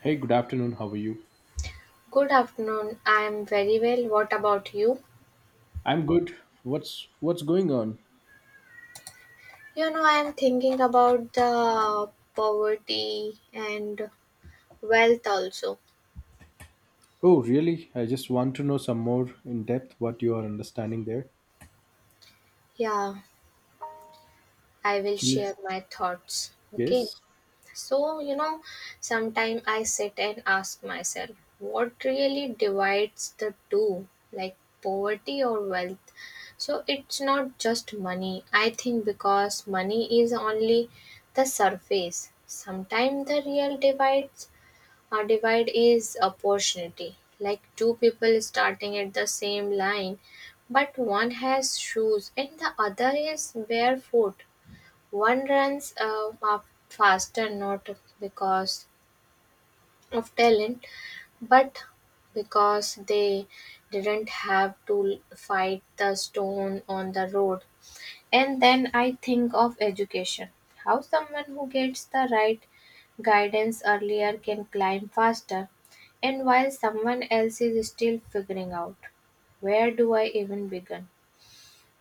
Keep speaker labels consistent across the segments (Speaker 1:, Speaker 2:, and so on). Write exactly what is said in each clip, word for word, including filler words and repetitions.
Speaker 1: Hey, good afternoon. How are you?
Speaker 2: Good afternoon. I'm very well. What about you?
Speaker 1: I'm good. What's what's going on?
Speaker 2: You know, I'm thinking about the poverty and wealth also.
Speaker 1: Oh, really? I just want to know some more in depth what you are understanding there.
Speaker 2: Yeah, I will share
Speaker 1: Yes.
Speaker 2: my thoughts. Okay.
Speaker 1: Yes.
Speaker 2: So, you know, sometimes I sit and ask myself, what really divides the two, like poverty or wealth? So, it's not just money. I think because money is only the surface. Sometimes the real divide our divide is opportunity, like two people starting at the same line, but one has shoes and the other is barefoot. One runs uh, up faster not because of talent, but because they didn't have to fight the stone on the road. And then I think of education, how someone who gets the right guidance earlier can climb faster, and while someone else is still figuring out, where do I even begin?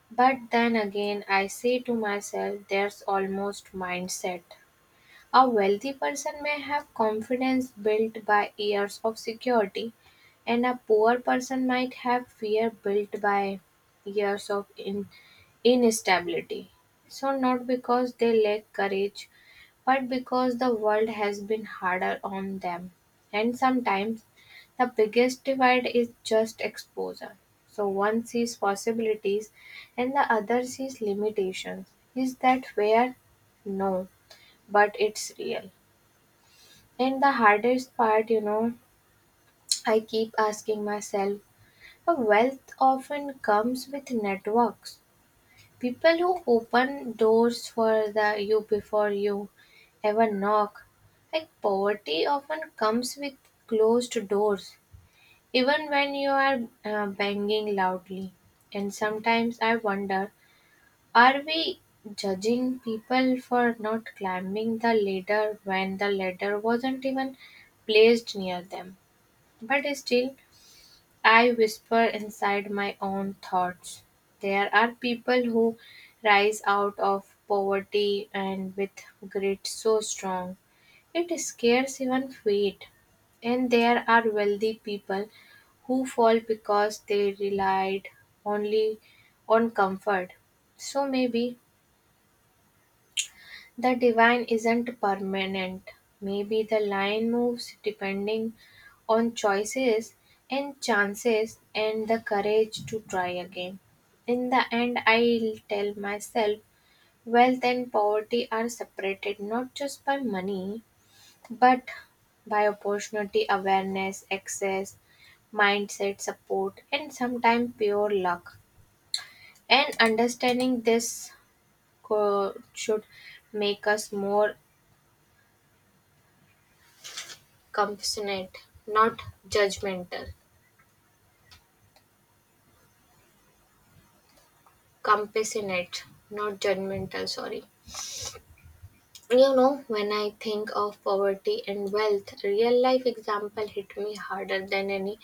Speaker 2: But then again, I say to myself, there's almost mindset. A wealthy person may have confidence built by years of security, and a poor person might have fear built by years of in- instability. So, not because they lack courage, but because the world has been harder on them. And sometimes the biggest divide is just exposure. So, one sees possibilities and the other sees limitations. Is that fair? No, but it's real. And the hardest part, you know, I keep asking myself, a wealth often comes with networks. People who open doors for the you before you ever knock. Like poverty often comes with closed doors, even when you are uh, banging loudly. And sometimes I wonder, are we judging people for not climbing the ladder when the ladder wasn't even placed near them? But still, I whisper inside my own thoughts. There are people who rise out of poverty and with grit so strong, it scares even fate. And there are wealthy people who fall because they relied only on comfort. So maybe the divine isn't permanent. Maybe the line moves depending on choices and chances and the courage to try again. In the end, I'll tell myself wealth and poverty are separated not just by money, but by opportunity, awareness, access, mindset, support, and sometimes pure luck. And understanding this co- should make us more compassionate, not judgmental. Compassionate, not judgmental, sorry. You know, when I think of poverty and wealth, real life example hit me harder than any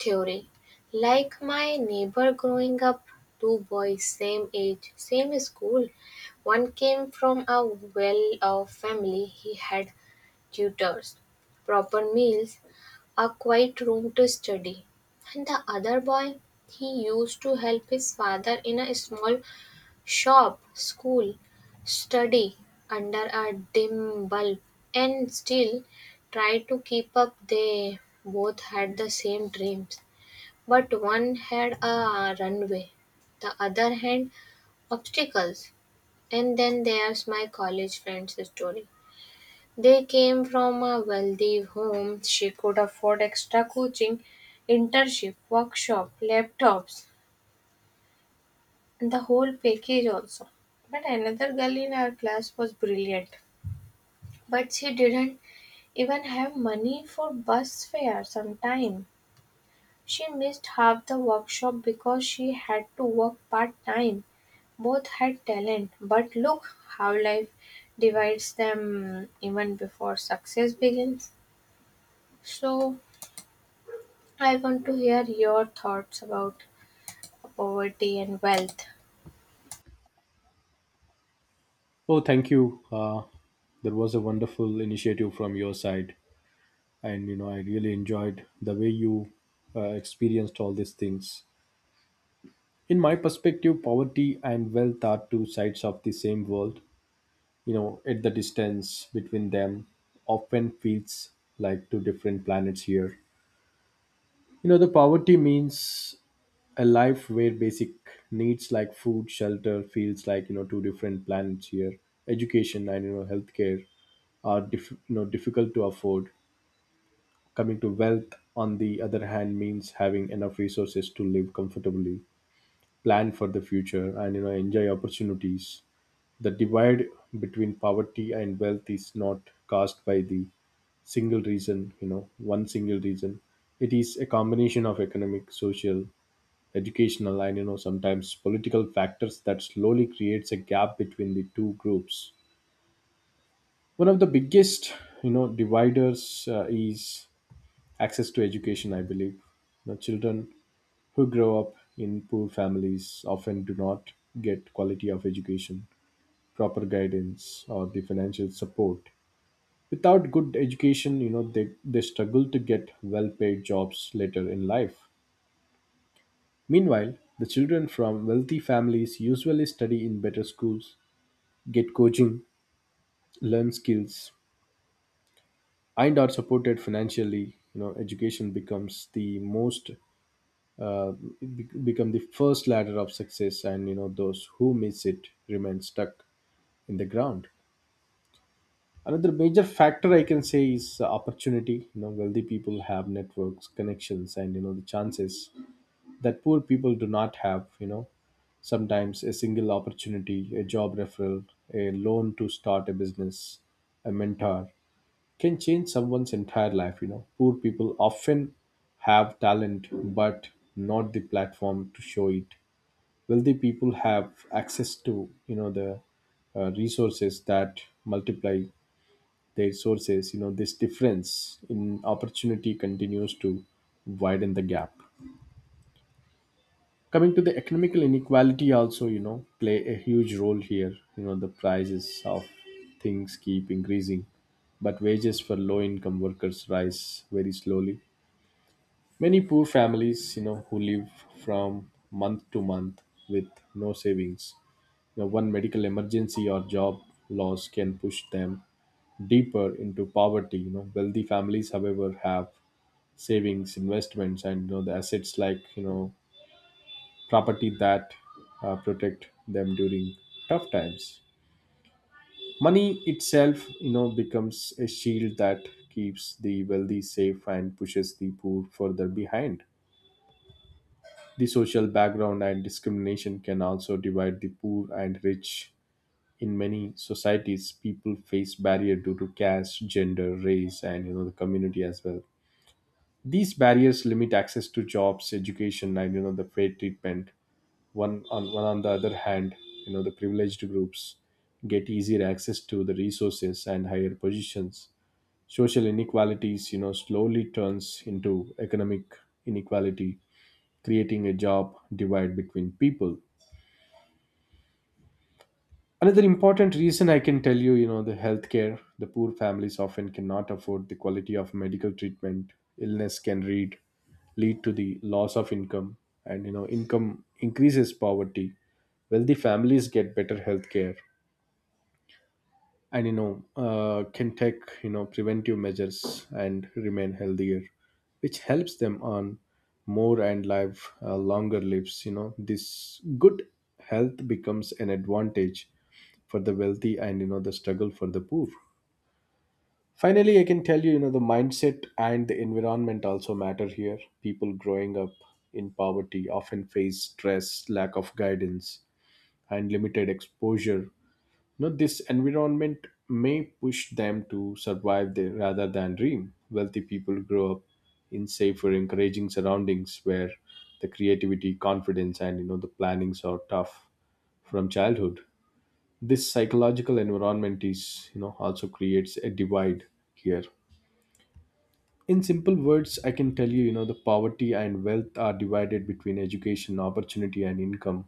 Speaker 2: theory. Like my neighbor growing up, two boys, same age, same school. One came from a well off family. He had tutors, proper meals, a quiet room to study. And the other boy, he used to help his father in a small shop, school, study under a dim bulb, and still try to keep up. They both had the same dreams, but one had a runway, the other had obstacles. And then there's my college friend's story. They came from a wealthy home; she could afford extra coaching, internship, workshop, laptops, and the whole package also. But another girl in our class was brilliant, but she didn't even have money for bus fare sometime. She missed half the workshop because she had to work part time. Both had talent, but look how life divides them even before success begins. So, I want to hear your thoughts about poverty and wealth.
Speaker 1: Oh, thank you. Uh, that was a wonderful initiative from your side, and you know I really enjoyed the way you uh, experienced all these things. In my perspective, poverty and wealth are two sides of the same world. You know, at the distance between them often feels like two different planets here. You know, the poverty means a life where basic needs like food, shelter feels like you know two different planets here. Education and you know healthcare are diff- you know difficult to afford. Coming to wealth, on the other hand, means having enough resources to live comfortably, plan for the future, and you know enjoy opportunities. The divide between poverty and wealth is not caused by the single reason, you know, one single reason. It is a combination of economic, social, educational and you know sometimes political factors that slowly creates a gap between the two groups. One of the biggest you know dividers uh, is access to education, I believe. You know, children who grow up in poor families often do not get quality of education, proper guidance or the financial support. Without good education, you know, they, they struggle to get well paid jobs later in life. Meanwhile, the children from wealthy families usually study in better schools, get coaching, learn skills, and are supported financially. You know, education becomes the most uh, be- become the first ladder of success, and you know those who miss it remain stuck in the ground. Another major factor I can say is uh, opportunity. You know, wealthy people have networks, connections, and you know the chances that poor people do not have, you know. Sometimes a single opportunity, a job referral, a loan to start a business, a mentor can change someone's entire life, you know. Poor people often have talent but not the platform to show it. Wealthy people have access to, you know, the uh, resources that multiply their sources, you know, this difference in opportunity continues to widen the gap. Coming to the economical inequality, also you know play a huge role here. You know, the prices of things keep increasing but wages for low income workers rise very slowly. Many poor families, you know, who live from month to month with no savings, you know, one medical emergency or job loss can push them deeper into poverty. You know, wealthy families however have savings, investments and you know the assets like you know property that uh, protect them during tough times. Money itself, you know, becomes a shield that keeps the wealthy safe and pushes the poor further behind. The social background and discrimination can also divide the poor and rich. In many societies, people face barrier due to caste, gender, race, and you know the community as well. These barriers limit access to jobs, education, and you know the fair treatment. one on one on the other hand, you know the privileged groups get easier access to the resources and higher positions. Social inequalities you know slowly turns into economic inequality, creating a job divide between people. Another important reason I can tell you, you know, the healthcare, the poor families often cannot afford the quality of medical treatment. Illness can read, lead to the loss of income, and you know, income increases poverty. Wealthy families get better healthcare, and you know uh, can take you know preventive measures and remain healthier, which helps them earn more and live uh, longer lives. You know, this good health becomes an advantage for the wealthy and you know the struggle for the poor. Finally, I can tell you, you know, the mindset and the environment also matter here. People growing up in poverty often face stress, lack of guidance and limited exposure. Know this environment may push them to survive there rather than dream. Wealthy people grow up in safer, encouraging surroundings where the creativity, confidence and you know the plannings are tough from childhood. This psychological environment is you know also creates a divide here. In simple words, I can tell you, you know, the poverty and wealth are divided between education, opportunity and income,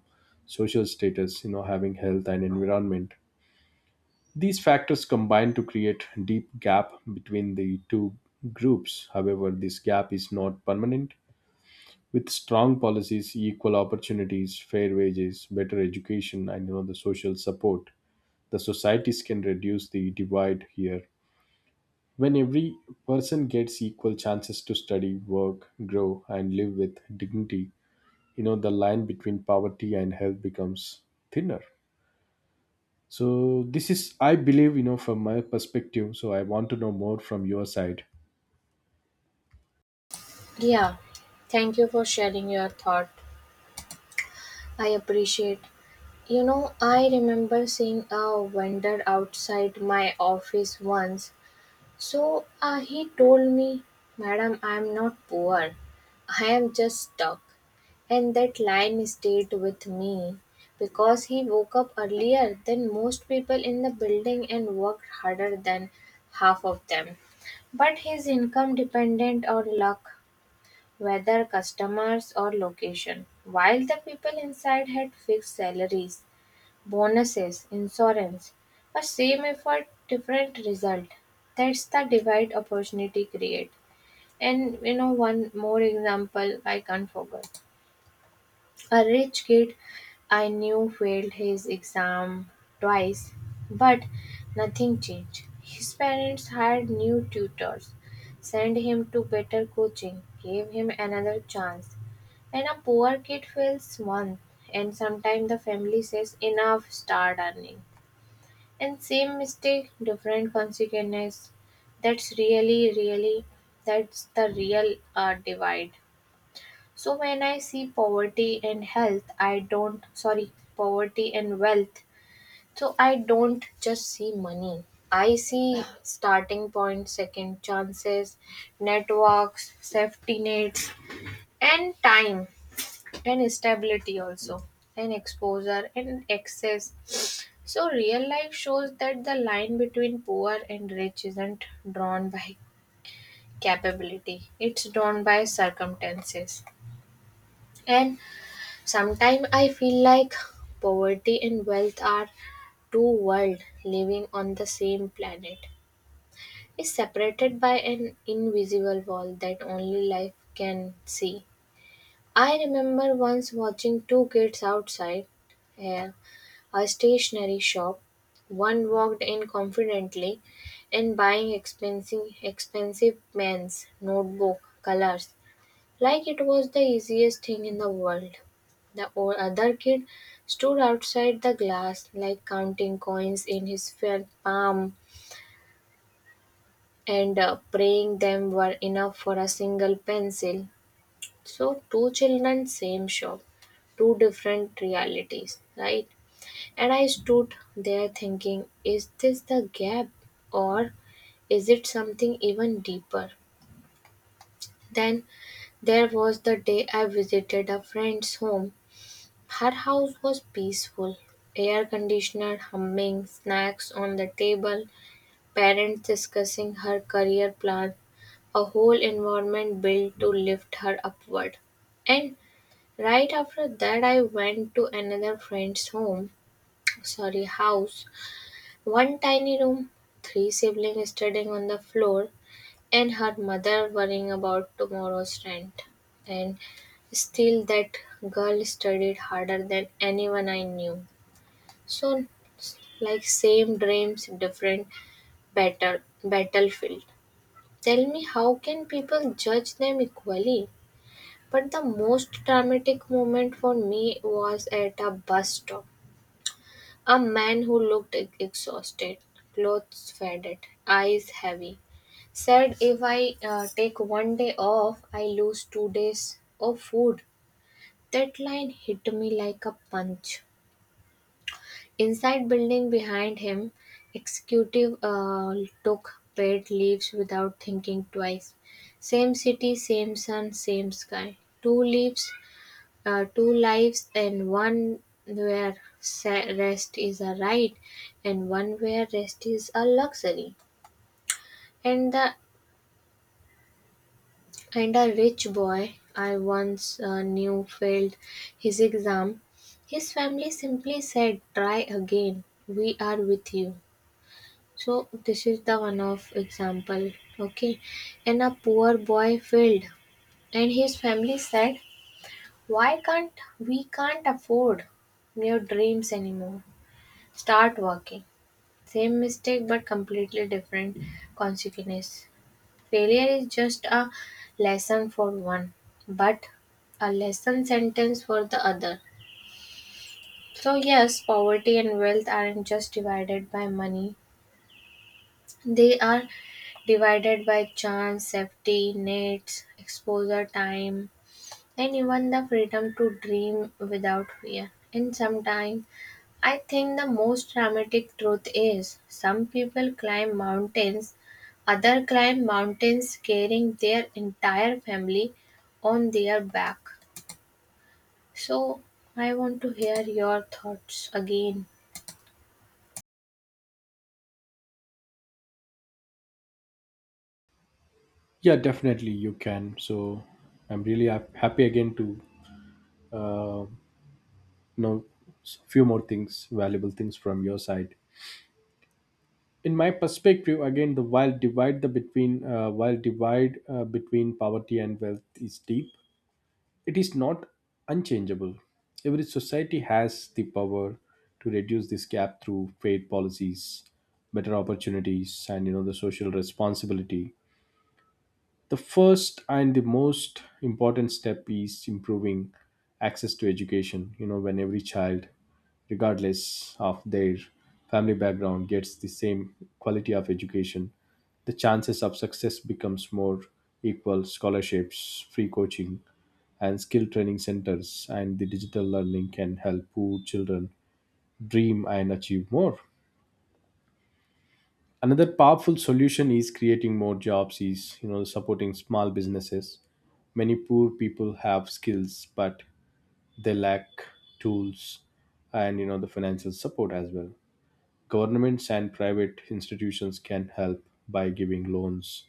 Speaker 1: social status, you know, having health and environment. These factors combine to create deep gap between the two groups. However, this gap is not permanent. With strong policies, equal opportunities, fair wages, better education, and you know, the social support, the societies can reduce the divide here. When every person gets equal chances to study, work, grow, and live with dignity, you know the line between poverty and health becomes thinner. So this is, I believe, you know, from my perspective. So I want to know more from your side.
Speaker 2: Yeah, thank you for sharing your thought. I appreciate. You know, I remember seeing a vendor outside my office once. So uh, he told me, Madam, I am not poor. I am just stuck. And that line stayed with me because he woke up earlier than most people in the building and worked harder than half of them. But his income dependent on luck, whether customers or location, while the people inside had fixed salaries. Bonuses, insurance, a same effort, different result. That's the divide opportunity create. And you know, one more example I can't forget. A rich kid I knew failed his exam twice, but nothing changed. His parents hired new tutors, sent him to better coaching, gave him another chance. And a poor kid fails once, and sometimes the family says, Enough, start earning. And same mistake, different consequences. That's really, really, that's the real uh, divide. So when I see poverty and health, I don't, sorry, poverty and wealth. So I don't just see money. I see starting point, second chances, networks, safety nets, and time, and stability also, and exposure, and access. So, real life shows that the line between poor and rich isn't drawn by capability, it's drawn by circumstances. And sometimes I feel like poverty and wealth are two worlds living on the same planet. It's separated by an invisible wall that only life can see. I remember once watching two kids outside a, a stationery shop. One walked in confidently and buying expensive expensive pens, notebook, colors, like it was the easiest thing in the world. The o- other kid stood outside the glass, like counting coins in his felt palm and uh, praying them were enough for a single pencil. So two children, same shop, two different realities, right? And I stood there thinking, is this the gap or is it something even deeper? Then there was the day I visited a friend's home. Her house was peaceful. Air conditioner humming, snacks on the table, parents discussing her career plan, a whole environment built to lift her upward. And right after that I went to another friend's home, sorry, house. One tiny room, three siblings studying on the floor, and her mother worrying about tomorrow's rent. And still, that girl studied harder than anyone I knew. So, like same dreams, different better battlefield. Tell me, how can people judge them equally? But the most dramatic moment for me was at a bus stop. A man who looked e- exhausted, clothes faded, eyes heavy, said, If I uh, take one day off, I lose two days of food. That line hit me like a punch. Inside building behind him, executive uh, took paid leaves without thinking twice. Same city, same sun, same sky. Two leaves uh, two lives, and one where sa- rest is a right and one where rest is a luxury. And the, and a rich boy I once uh, knew failed his exam. His family simply said, try again, we are with you. So this is the one of example. Okay. And a poor boy failed and his family said, why can't we can't afford your dreams anymore. Start working. Same mistake but completely different consequences. Failure is just a lesson for one, but a lesson sentence for the other. So, yes, poverty and wealth aren't just divided by money, they are divided by chance, safety, nets, exposure, time, and even the freedom to dream without fear. And sometimes I think the most dramatic truth is some people climb mountains, other climb mountains carrying their entire family on their back. So I want to hear your thoughts again.
Speaker 1: Yeah, definitely you can. So I'm really hap- happy again to uh, know s- few more things, valuable things from your side. In my perspective, again, the while divide the between uh, while divide uh, between poverty and wealth is deep. It is not unchangeable. Every society has the power to reduce this gap through fair policies, better opportunities, and you know the social responsibility. The first and the most important step is improving access to education. You know, when every child, regardless of their family background, gets the same quality of education, the chances of success becomes more equal. Scholarships, free coaching and skill training centers and the digital learning can help poor children dream and achieve more. Another powerful solution is creating more jobs, is you know supporting small businesses. Many poor people have skills but they lack tools and you know the financial support as well. Governments and private institutions can help by giving loans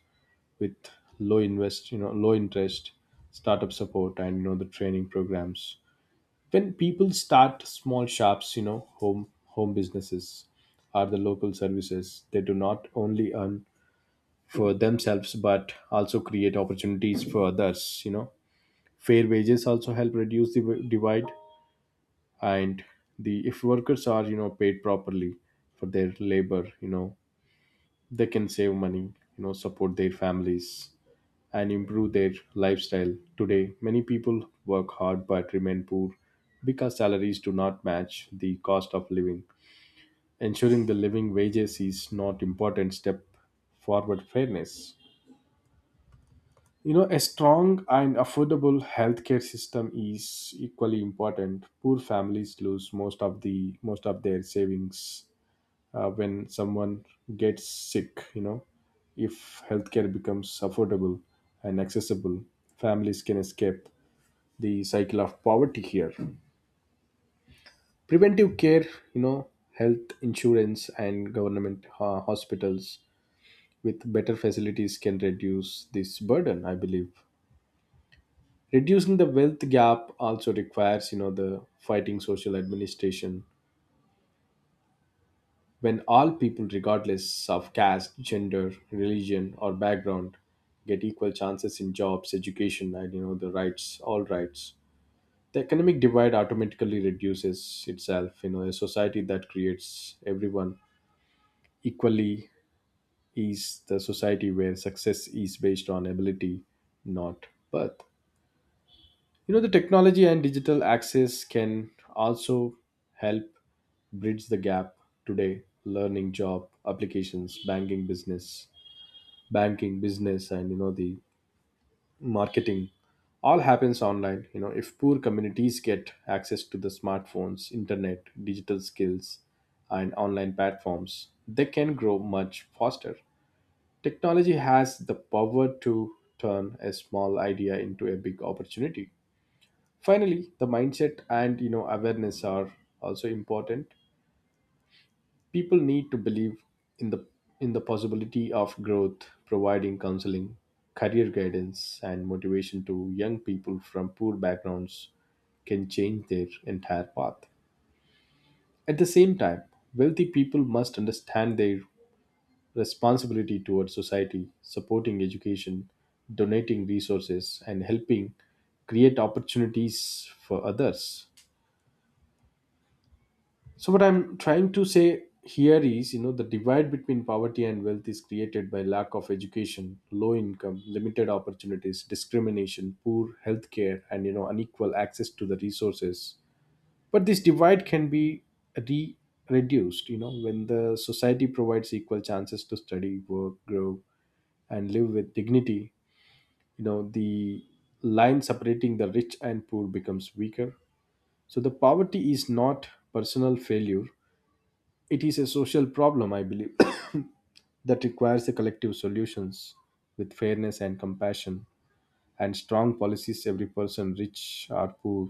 Speaker 1: with low invest, you know, low interest startup support and you know the training programs. When people start small shops, you know, home home businesses or the local services, they do not only earn for themselves but also create opportunities for others. You know, fair wages also help reduce the w- divide. And the if workers are you know paid properly for their labor, you know, they can save money, you know, support their families and improve their lifestyle. Today, many people work hard but remain poor because salaries do not match the cost of living. Ensuring the living wages is not important step forward fairness. You know, a strong and affordable healthcare system is equally important. Poor families lose most of the most of their savings uh, when someone gets sick. You know, if healthcare becomes affordable and accessible, families can escape the cycle of poverty here. Preventive care, you know, health insurance and government uh, hospitals with better facilities can reduce this burden, I believe. Reducing the wealth gap also requires, you know, the fighting social administration. When all people, regardless of caste, gender, religion, or background, get equal chances in jobs, education, and you know the rights, all rights, the economic divide automatically reduces itself. You know, a society that creates everyone equally is the society where success is based on ability, not birth. You know, the technology and digital access can also help bridge the gap. Today learning, job applications, banking business banking business and you know the marketing all happens online. You know, if poor communities get access to the smartphones, internet, digital skills and online platforms, they can grow much faster. Technology has the power to turn a small idea into a big opportunity. Finally, the mindset and you know awareness are also important. People need to believe in the in the possibility of growth. Providing counseling, career guidance and motivation to young people from poor backgrounds can change their entire path. At the same time, wealthy people must understand their responsibility towards society, supporting education, donating resources and helping create opportunities for others. So what I'm trying to say here is, you know, the divide between poverty and wealth is created by lack of education, low income, limited opportunities, discrimination, poor healthcare, and you know, unequal access to the resources. But this divide can be re reduced, you know, when the society provides equal chances to study, work, grow, and live with dignity. You know, the line separating the rich and poor becomes weaker. So the poverty is not personal failure, it is a social problem, I believe, that requires a collective solutions with fairness and compassion and strong policies. Every person, rich or poor,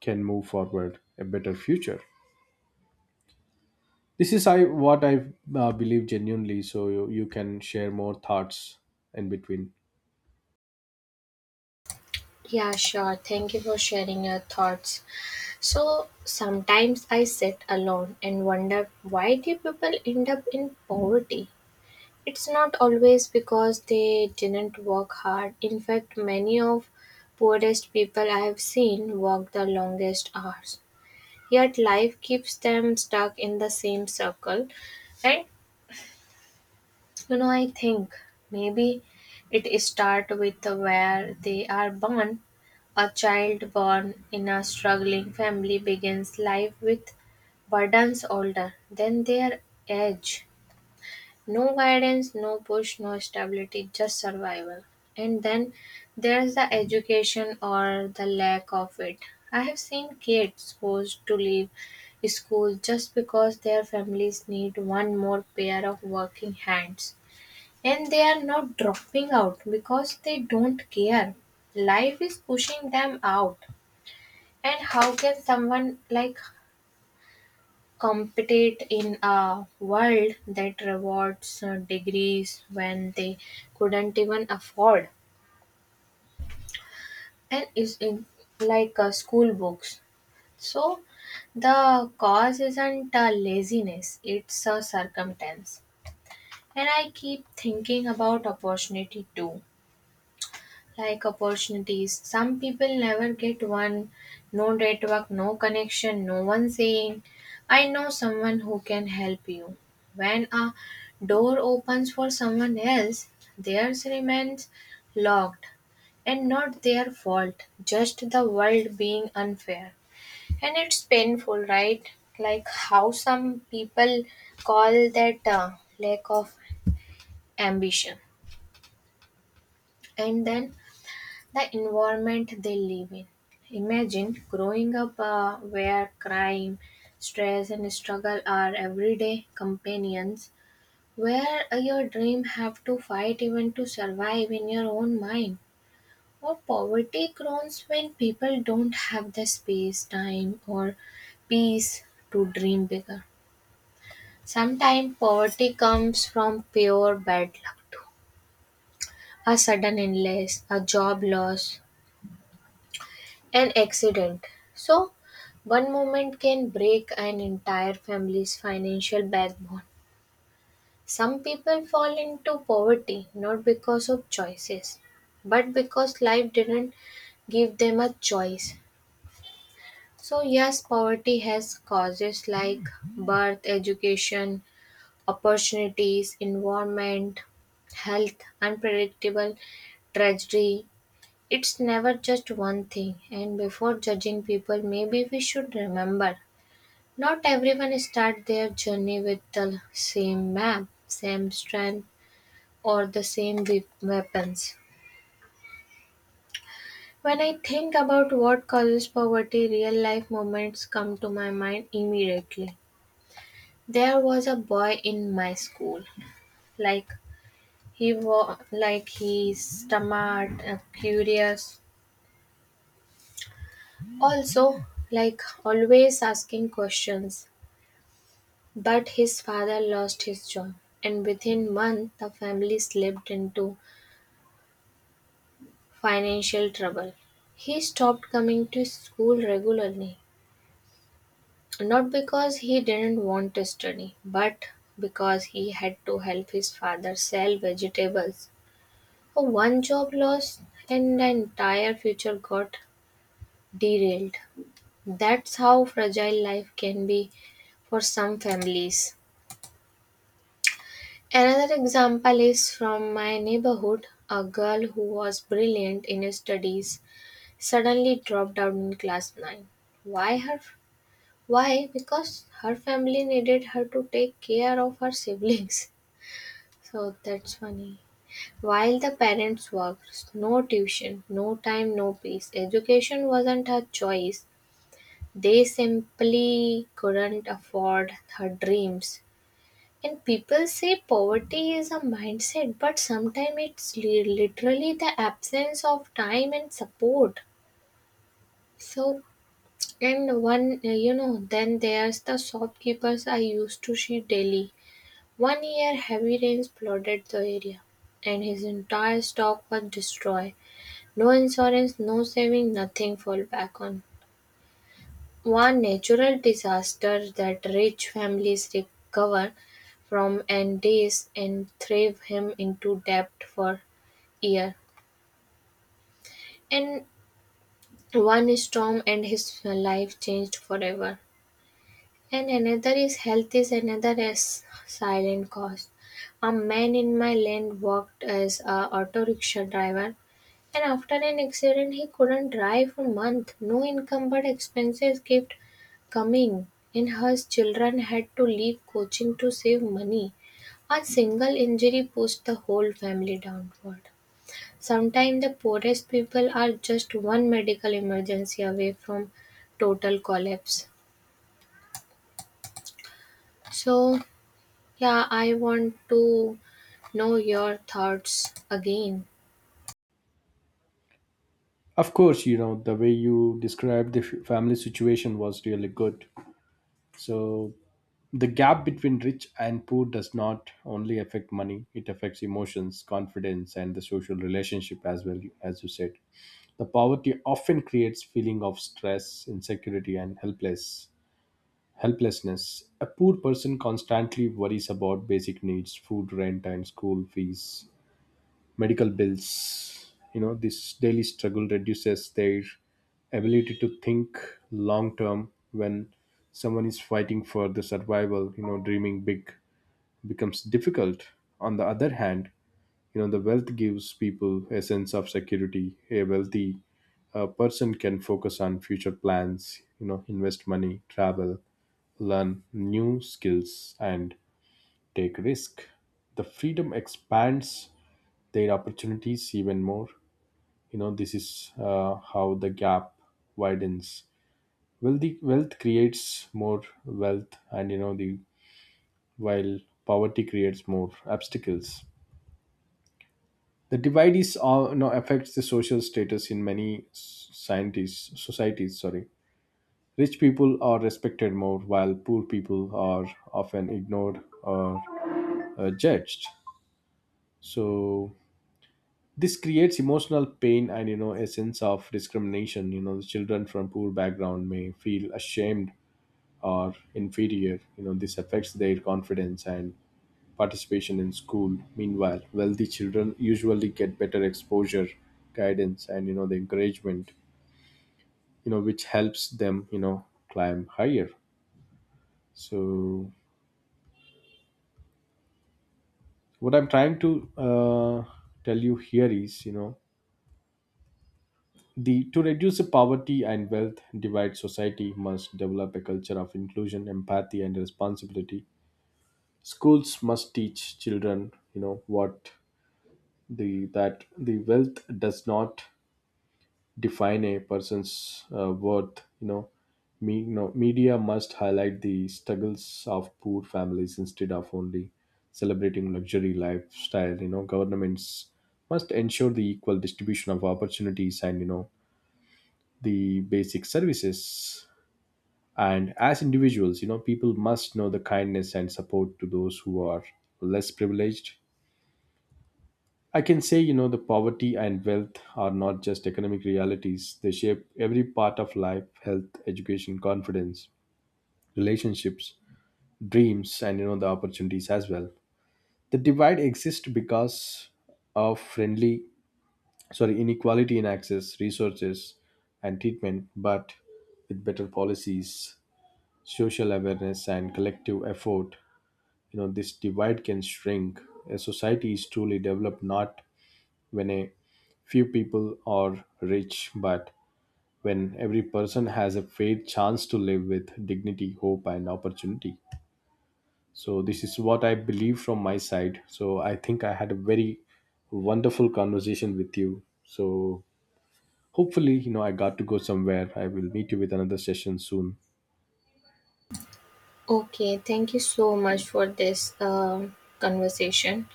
Speaker 1: can move forward a better future. This is I what I uh, believe genuinely. So you, you can share more thoughts in between.
Speaker 2: Yeah, sure. Thank you for sharing your thoughts. So sometimes I sit alone and wonder, why do people end up in poverty? It's not always because they didn't work hard. In fact, many of poorest people I have seen work the longest hours. Yet life keeps them stuck in the same circle. And you know, I think maybe it start with where they are born. A child born in a struggling family begins life with burdens older than their age, no guidance, no push, no stability, just survival. And then there's the education or the lack of it. I have seen kids forced to leave school just because their families need one more pair of working hands. And they are not dropping out because they don't care. Life is pushing them out. And how can someone like compete in a world that rewards uh, degrees when they couldn't even afford and is in like uh, school books. So the cause isn't uh, laziness, it's a circumstance. And I keep thinking about opportunity too, like opportunities. Some people never get one, no network, no connection, no one saying, I know someone who can help you. When a door opens for someone else, theirs remains locked, and not their fault, just the world being unfair. And it's painful, right? Like how some people call that uh, lack of ambition. And then the environment they live in. Imagine growing up uh, where crime, stress, and struggle are everyday companions, where uh, your dream have to fight even to survive in your own mind. Or poverty groans when people don't have the space, time, or peace to dream bigger. Sometimes poverty comes from pure bad luck too. A sudden illness, a job loss, an accident. So, one moment can break an entire family's financial backbone. Some people fall into poverty not because of choices, but because life didn't give them a choice. So, yes, poverty has causes like birth, education, opportunities, environment, health, unpredictable tragedy. It's never just one thing, and before judging people, maybe we should remember not everyone starts their journey with the same map, same strength, or the same we- weapons. When I think about what causes poverty, real life moments come to my mind immediately. There was a boy in my school, like he was like he's smart, uh, curious, also like always asking questions. But his father lost his job, and within months the family slipped into financial trouble. He stopped coming to school regularly, not because he didn't want to study, but because he had to help his father sell vegetables. One job loss and the entire future got derailed. That's how fragile life can be for some families. Another example is from my neighborhood. A girl who was brilliant in her studies suddenly dropped out in class nine. Why her, why? Because her family needed her to take care of her siblings. So that's funny. While the parents worked, no tuition, no time, no peace. Education wasn't her choice. They simply couldn't afford her dreams. And people say poverty is a mindset, but sometimes it's li- literally the absence of time and support. So, and one, uh, you know, then there's the shopkeepers I used to see daily. One year, heavy rains flooded the area, and his entire stock was destroyed. No insurance, no saving, nothing fall back on. One natural disaster that rich families recover from entails and thrive him into debt for year. And one storm and his life changed forever. And another is health is another as silent cost. A man in my land worked as a auto rickshaw driver, and after an accident he couldn't drive for a month. No income but expenses kept coming, and his children had to leave coaching to save money. A single injury pushed the whole family downward. Sometimes the poorest people are just one medical emergency away from total collapse. So yeah, I want to know your thoughts again.
Speaker 1: Of course, you know the way you described the f- family situation was really good. So the gap between rich and poor does not only affect money, it affects emotions, confidence, and the social relationship as well, as you said. The poverty often creates feeling of stress, insecurity, and helpless helplessness. A poor person constantly worries about basic needs, food, rent, and school fees, medical bills. You know, this daily struggle reduces their ability to think long term. When someone is fighting for the survival, you know, dreaming big becomes difficult. On the other hand, you know, the wealth gives people a sense of security. A wealthy uh, person can focus on future plans, you know, invest money, travel, learn new skills, and take risk. The freedom expands their opportunities even more. You know, this is uh, how the gap widens. Wealthy wealth creates more wealth, and you know the while poverty creates more obstacles. The divide is uh, now affects the social status in many s- scientists, societies. Sorry, rich people are respected more, while poor people are often ignored or uh, judged. So this creates emotional pain and you know a sense of discrimination. You know, the children from poor background may feel ashamed or inferior. You know, this affects their confidence and participation in school. Meanwhile, wealthy children usually get better exposure, guidance, and you know the encouragement, you know, which helps them, you know, climb higher. So what I'm trying to uh, tell you here is, you know, the to reduce the poverty and wealth divide, society must develop a culture of inclusion, empathy, and responsibility. Schools must teach children, you know, what the that the wealth does not define a person's uh, worth. You know me, you know, media must highlight the struggles of poor families instead of only celebrating luxury lifestyle. You know, governments must ensure the equal distribution of opportunities and you know the basic services. And as individuals, you know, people must know the kindness and support to those who are less privileged. I can say, you know, the poverty and wealth are not just economic realities. They shape every part of life, health, education, confidence, relationships, dreams, and, you know, the opportunities as well. The divide exists because of friendly, sorry, inequality in access, resources, and treatment, but with better policies, social awareness, and collective effort, you know, this divide can shrink. A society is truly developed not when a few people are rich, but when every person has a fair chance to live with dignity, hope, and opportunity. So, this is what I believe from my side. So, I think I had a very wonderful conversation with you. So, hopefully, you know, I got to go somewhere. I will meet you with another session soon.
Speaker 2: Okay, thank you so much for this um, conversation.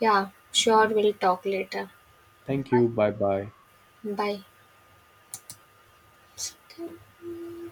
Speaker 2: Yeah, sure, we'll talk later.
Speaker 1: Thank you. Bye bye.
Speaker 2: Bye.